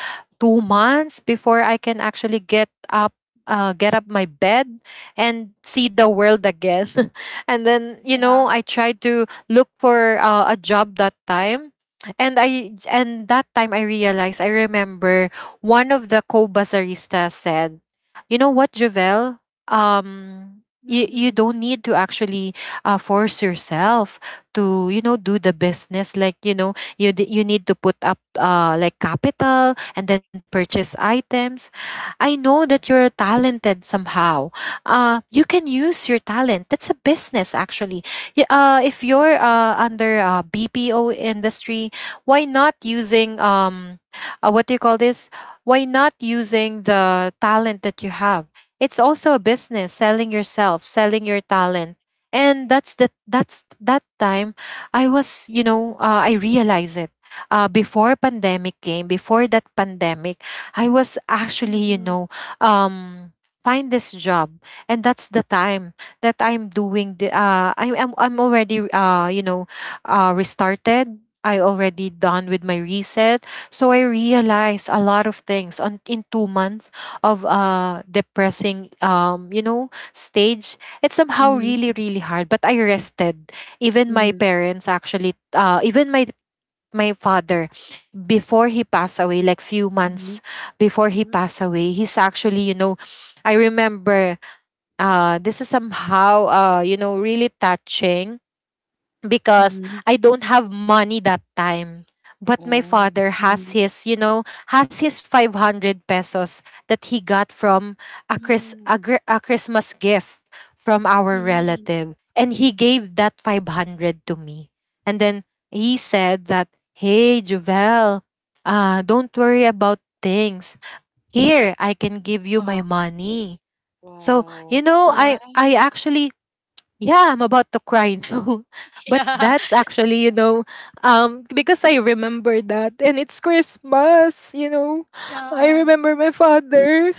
2 months before I can actually get up, get up my bed and see the world again. And then, you know,
Yeah.
I tried to look for a job that time. And I and that time I realized, I remember one of the co-bazaristas said, "You know what, Javel? Um you, you
Mm-hmm.
don't need to actually force yourself to, you know, do the business, like, you know, you need to put up like capital and then purchase items. I know that you're talented somehow. You can use your talent. That's a business, actually. If you're under BPO industry, why not using what do you call this? Why not using the talent that you have? It's also a business, selling yourself, selling your talent." And that's the that's that time I was, you know, I realized it, before pandemic came, before that pandemic, I was actually, you
Mm-hmm.
know, um, find this job, and that's the time that I'm doing the. I'm already, you know, restarted. I already done with my reset, so I realized a lot of things on in 2 months of depressing, you know, stage. It's somehow
Mm-hmm.
really, really hard, but I rested. Even my parents actually, even my father, before he passed away, like few
Mm-hmm.
months before he passed away, he's actually, you know, I remember, this is somehow, you know, really touching because
Mm-hmm.
I don't have money that time. But my
Oh.
father has
Mm-hmm.
his, you know, has his 500 pesos that he got from a, Chris,
Mm-hmm.
a, a Christmas gift from our
Mm-hmm.
relative. And he gave that 500 to me. And then he said that, "Hey, Jovel, don't worry about things. Here, I can give you my
Uh-huh.
money." So, you
Wow.
know,
Right.
I actually, yeah, I'm about to cry now. But
Yeah.
that's actually, you know, because I remember that, and it's Christmas, you know. I
Yeah.
remember my father.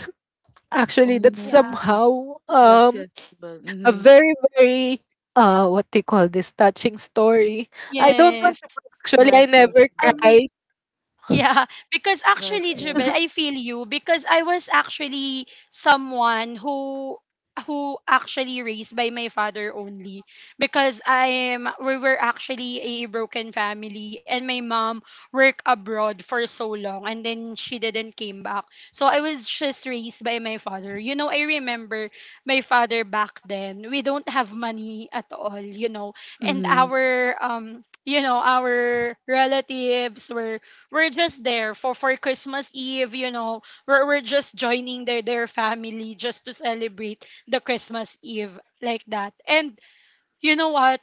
Oh
Actually, that's
no.
Yeah.
somehow
Yes, yes, but
a
mm-hmm.
very, very, what they call this, touching story. I don't
Yes.
want to, actually I
Yes, yes,
never
I
but
mean,
cried.
yeah, because actually,
yes,
Jubel, I
yes.
feel you, because I was actually someone who actually raised by my father only, because I'm, we were actually a broken family and my mom worked abroad for so long and then she didn't came back. So I was just raised by my father. You know, I remember my father back then. We don't have money at all, you know. And
Mhm.
our you know, our relatives were, we're just there for Christmas Eve, you know. We're just joining their family just to celebrate the Christmas Eve like that. And you know what?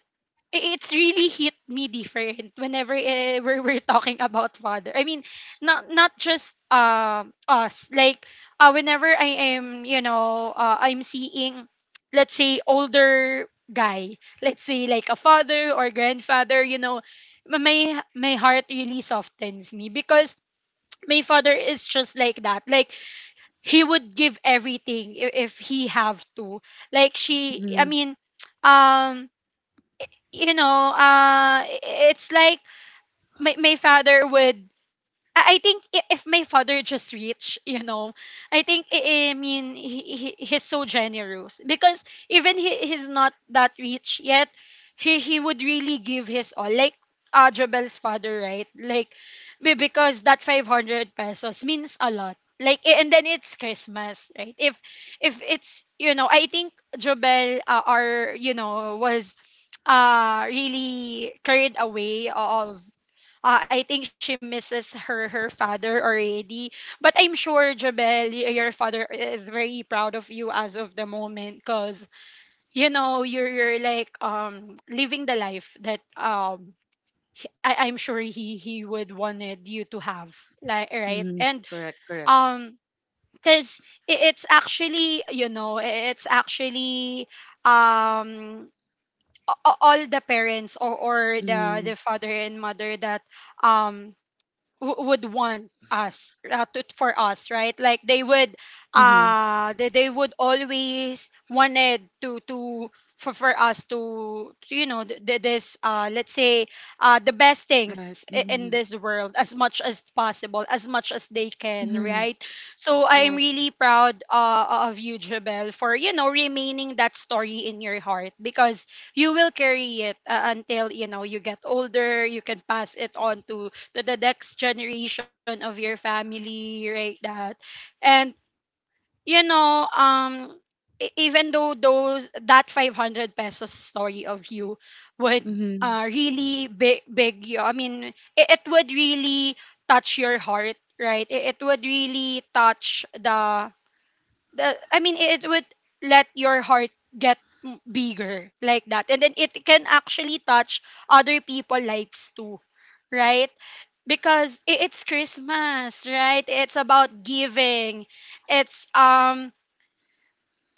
It's really hit me different whenever we're talking about father. I mean, not not just us. Like whenever I am, you know, I'm seeing, let's say, older guy, let's say like a father or grandfather, you know, my my my heart really softens me, because my father is just like that. Like he would give everything if he have to, like she I
Mhm.
mean um you know it's like my father would, if my father just reached, you know, I think I mean he he's so generous, because even he he's not that rich yet, he would really give his all. Like Jabel's father, right? Like because that 500 pesos means a lot. Like and then it's Christmas, right? If it's, you know, I think Jobel are, you know, was really carried away of I think she misses her father already. But I'm sure, Jabel, your father is very proud of you as of the moment, because, you know, you're like living the life that I'm sure he would wanted you to have. Like right.
Mhm.
And
Correct. Correct.
um because it's actually, you know, it's actually um all the parents, or
Mhm.
the father and mother that um would want us for us, right? Like
Mhm.
they would always wanted to for us to you know this let's say the best
Right.
things in
Mhm.
this world as much as possible, as much as they can,
Mhm.
right? So I am
Right.
really proud of you, Jabel, for you know remaining that story in your heart, because you will carry it until you know you get older, you can pass it on to the next generation of your family, right? That and you know even though those that 500 pesos story of you would
Mhm.
really big, big you, I mean it, it would really touch your heart, right? It would really touch the I mean it would let your heart get bigger like that, and then it can actually touch other people lives too, right? Because it's Christmas, right? It's about giving. It's um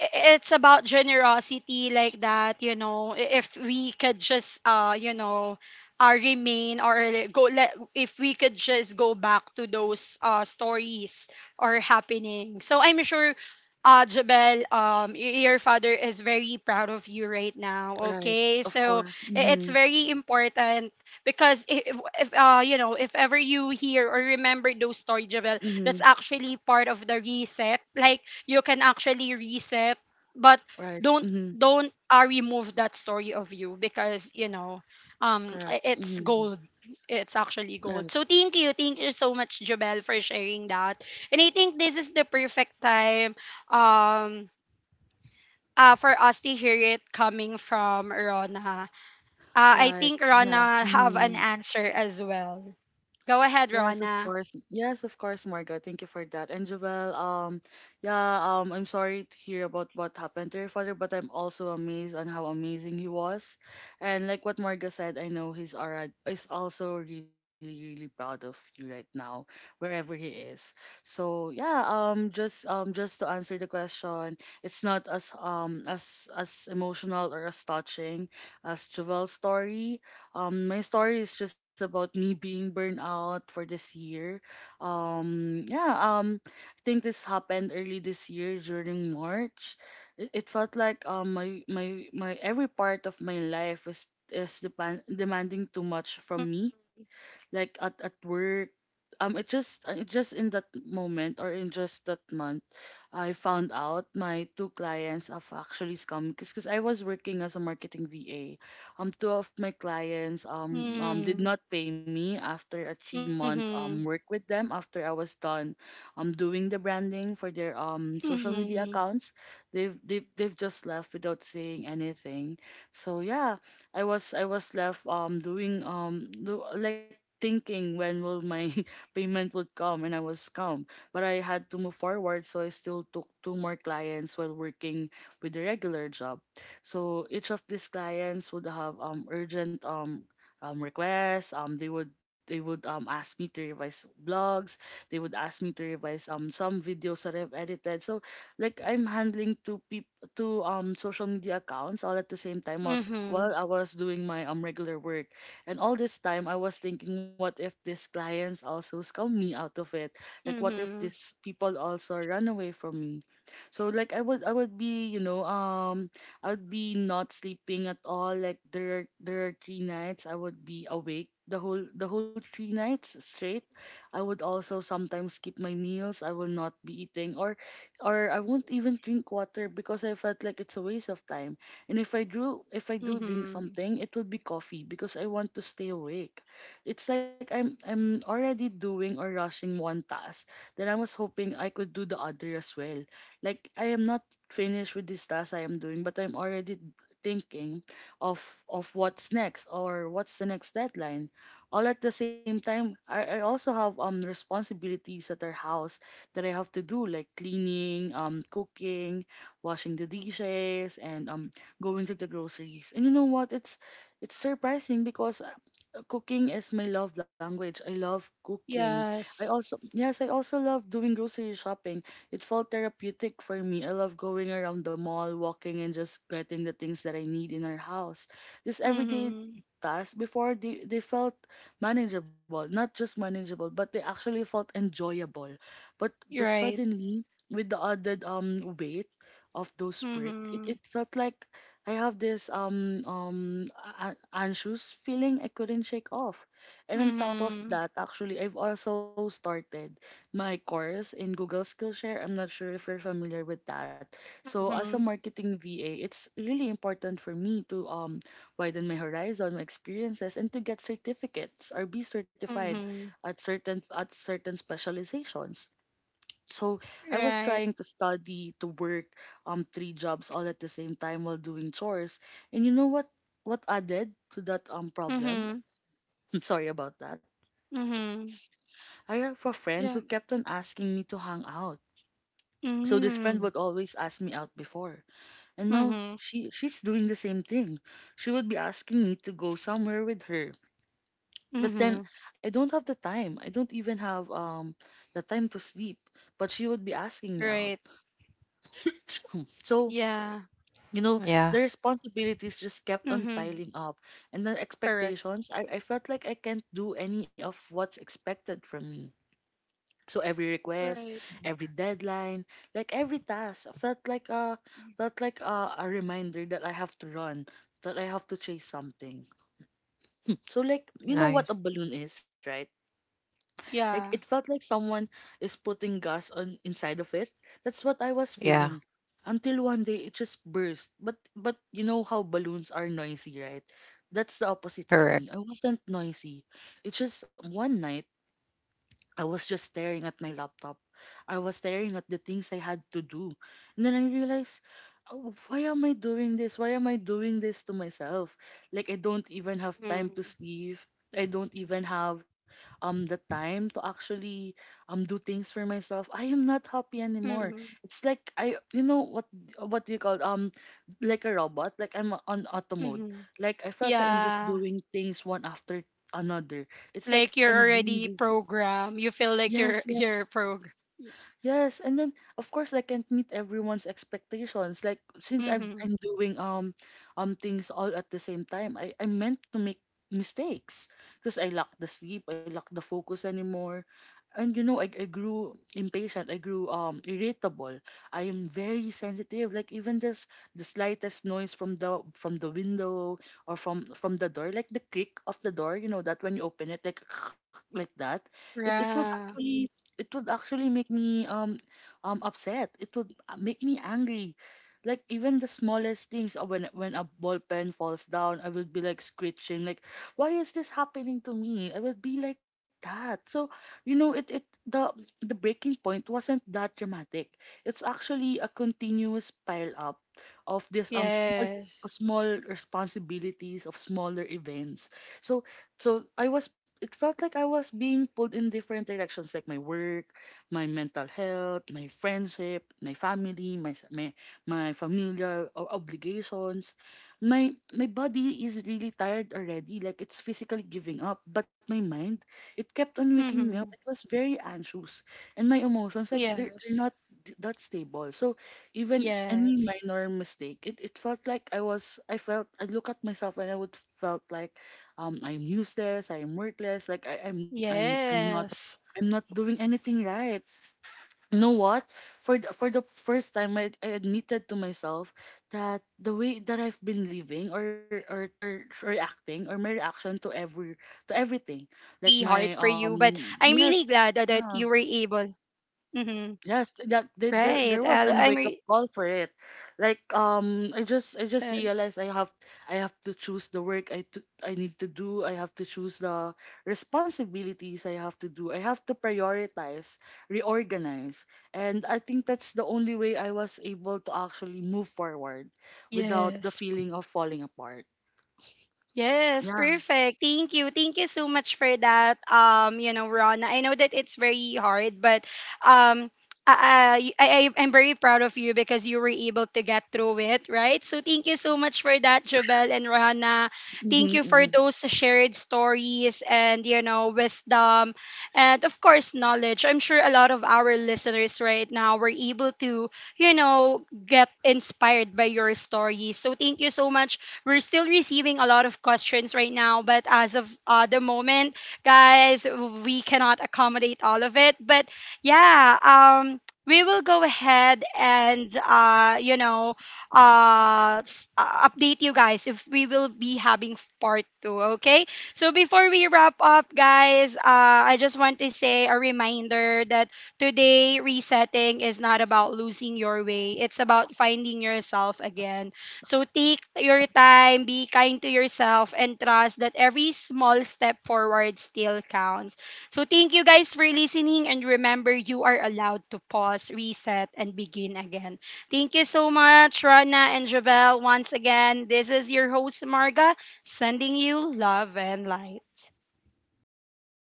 i- it's about generosity like that. You know, if we could just you know remain or go, let if we could just go back to those stories or happening, so I'm sure Jabel, your father is very proud of you right now.
Right.
Okay,
Of
so
course.
it's
Mhm.
very important, because if you know if ever you hear or remember those stories, Jabel,
Mhm.
that's actually part of the reset. Like you can actually reset, but
Right.
don't
Mhm.
remove that story of you, because you know
Correct.
it's
Mhm.
gold. It's actually
Right.
gold. So thank you, thank you so much, Jobel, for sharing that. And I think this is the perfect time um for us to hear it coming from Rona. I
Right.
think
Yes.
Rona have an
Mhm.
answer as well. Go ahead,
Yes, of
Rona.
course. Yes, of course, Marga. Thank you for that. And Jovel, yeah, I'm sorry to hear about what happened to your father, but I'm also amazed on how amazing he was. And like what Marga said, I know he's alright is also really, really proud of you right now, wherever he is. So yeah, just to answer the question, it's not as as emotional or as touching as Jovel's story. My story is just about me being burned out for this year. Yeah, I think this happened early this year during March. It felt like my every part of my life is demanding too much from me, like at work. It just in that moment or in just that month, I found out my two clients have actually scammed because I was working as a marketing VA. Two of my clients did
Mm-hmm.
not pay me after a 3-month
Mm-hmm.
work with them, after I was done doing the branding for their social
Mm-hmm.
media accounts. They've just left without saying anything. So yeah, I was left doing like thinking when will my payment would come, and I was calm. But I had to move forward, so I still took two more clients while working with the regular job. So each of these clients would have urgent requests. They would ask me to revise blogs, they would ask me to revise some videos that I've edited. So like I'm handling two social media accounts all at the same time was
Mm-hmm.
while I was doing my regular work. And all this time, I was thinking, what if these clients also scam me out of it? Like, what if
Mm-hmm.
these people also run away from me? So, like, I would be, I'd be not sleeping at all. Like, there are 3 nights I would be awake the whole 3 nights straight. I would also sometimes skip my meals. I will not be eating, or I won't even drink water because I felt like it's a waste of time, and if I do drink
Mm-hmm.
something, it will be coffee because I want to stay awake. It's like I'm already doing or rushing one task that I was hoping I could do the other as well. Like I am not finished with this task I am doing, but I'm already thinking of what's next or what's the next deadline. All at the same time, I also have responsibilities at our house that I have to do, like cleaning, cooking, washing the dishes, and going to the groceries. And you know what? It's surprising because cooking is my love language. I love cooking. I
Yes.
also yes, I also love doing grocery shopping. It felt therapeutic for me. I love going around the mall, walking and just getting the things that I need in our house. This everyday
Mm-hmm.
tasks before, they felt manageable, not just manageable, but they actually felt enjoyable. But but
You're right.
suddenly, with the added weight of those work, it,
Mm-hmm.
it felt like I have this anxious feeling I couldn't shake off. And on top of
Mm-hmm.
that, actually, I've also started my course in Google Skillshare. I'm not sure if you're familiar with that. So as a
Mm-hmm.
marketing VA, it's really important for me to widen my horizon, my experiences, and to get certificates or be certified
Mm-hmm.
at certain specializations. So I was
Right.
trying to study, to work, three jobs all at the same time while doing chores. And you know what? What added to that problem?
Mm-hmm.
I'm sorry about that.
Mm-hmm.
I have a friend
Yeah.
who kept on asking me to hang out. So this friend
Mm-hmm.
would always ask me out before, and now
Mm-hmm.
she's doing the same thing. She would be asking me to go somewhere with her. But then
Mm-hmm.
I don't have the time. I don't even have the time to sleep. But she would be asking me out.
Right.
So
Yeah.
you know the
Yeah,
responsibilities just kept on
Mm-hmm.
piling up, and the
Correct.
expectations, I felt like I can't do any of what's expected from me. So every request,
Right.
every deadline, like every task, I felt like a felt like a reminder that I have to run, that I have to chase something. So like, you know
nice.
what a balloon is, right? Like it
Yeah.
felt like someone is putting gas on inside of it. That's what I was
Yeah,
feeling. Until one day it just burst. But you know how balloons are noisy, right? That's the opposite of
correct.
me. I wasn't noisy. It's just one night I was just staring at my laptop. I was staring at the things I had to do. And then I realized, oh, why am I doing this? Why am I doing this to myself? Like, I don't even have time
Mm-hmm.
to sleep. I don't even have the time to actually do things for myself. I am not happy anymore.
Mm-hmm.
It's like I, you know what do you call, like a robot, like I'm on auto mode.
Mm-hmm.
Like I felt like I'm just
Yeah.
doing things one after another. It's like
Like
I'm
you're
being
already programmed. You feel like
yes.
you're programmed.
Yes, and then of course I can't meet everyone's expectations. Like since I'm
Mm-hmm.
I'm doing things all at the same time, I meant to make mistakes because I lack the sleep, I lack the focus anymore. And you know, I grew impatient, I grew irritable. I am very sensitive. Like even just the slightest noise from the window or from the door, like the creak of the door, you know, that when you open it, like like that, it
Yeah.
it would actually make me upset. It would make me angry. Like even the smallest things, when a ball pen falls down, I will be like screeching, like why is this happening to me, I will be like that. So you know, it the breaking point wasn't that dramatic. It's actually a continuous pile up of this small
Yes.
small responsibilities, of smaller events. So so I was it felt like I was being pulled in different directions, like my work, my mental health, my friendship, my family, my familial obligations. My body is really tired already, like it's physically giving up, but my mind, it kept on waking me
Mm-hmm.
up. It was very anxious, and my emotions, like they're,
Yes.
they're not that stable. So even
Yes.
any minor mistake, it felt like I look at myself and I would felt like I'm useless, I'm worthless, like I'm not
Yes.
doing anything right. You know
Yes.
what? For the
Right.
first time, I
And thank
admitted to
you. Thank you
myself
so much
that
for
the way
that.
that I've been
You know,
living, or, or
Rana. I know
or
that it's very
reacting, or my
hard for
reaction
you,
to
but
every
I'm
to
really
everything,
glad that, that
like
you were
my
able.
yes, yeah.
Mm-hmm. Right.
Yes, that
I'm re-
there was an wake up call for it. Like I
yes.
just I just realized I have to choose the work I need to do. I have to choose the responsibilities I have to do. I have to prioritize, reorganize. And I think that's the only way I was able to actually move forward without
Yes.
the feeling of falling apart.
Yes,
Yeah.
perfect. Thank you. Thank you so much for that. You know, Ron, I know that it's very hard, but um I, I I- I'm very proud of you because you were able to get through it, right? So thank you so much for that, Jobel and Rohana.
Mm-hmm,
Thank you for
mm-hmm.
those shared stories and you know wisdom, and of course knowledge. I'm sure a lot of our listeners right now were able to you know get inspired by your stories. So thank you so much. We're still receiving a lot of questions right now, but as of the moment, guys, we cannot accommodate all of it. But yeah, we will go ahead and you know update you guys if we will be having part two. Okay. So before we wrap up, guys, I just want to say a reminder that today resetting is not about losing your way. It's about finding yourself again. So take your time, be kind to yourself, and trust that every small step forward still counts. So thank you guys for listening, and remember, you are allowed to pause, reset, and begin again. Thank you so much, Rana and Javel. Once again, this is your host, Marga, sending you love and light.
Thank.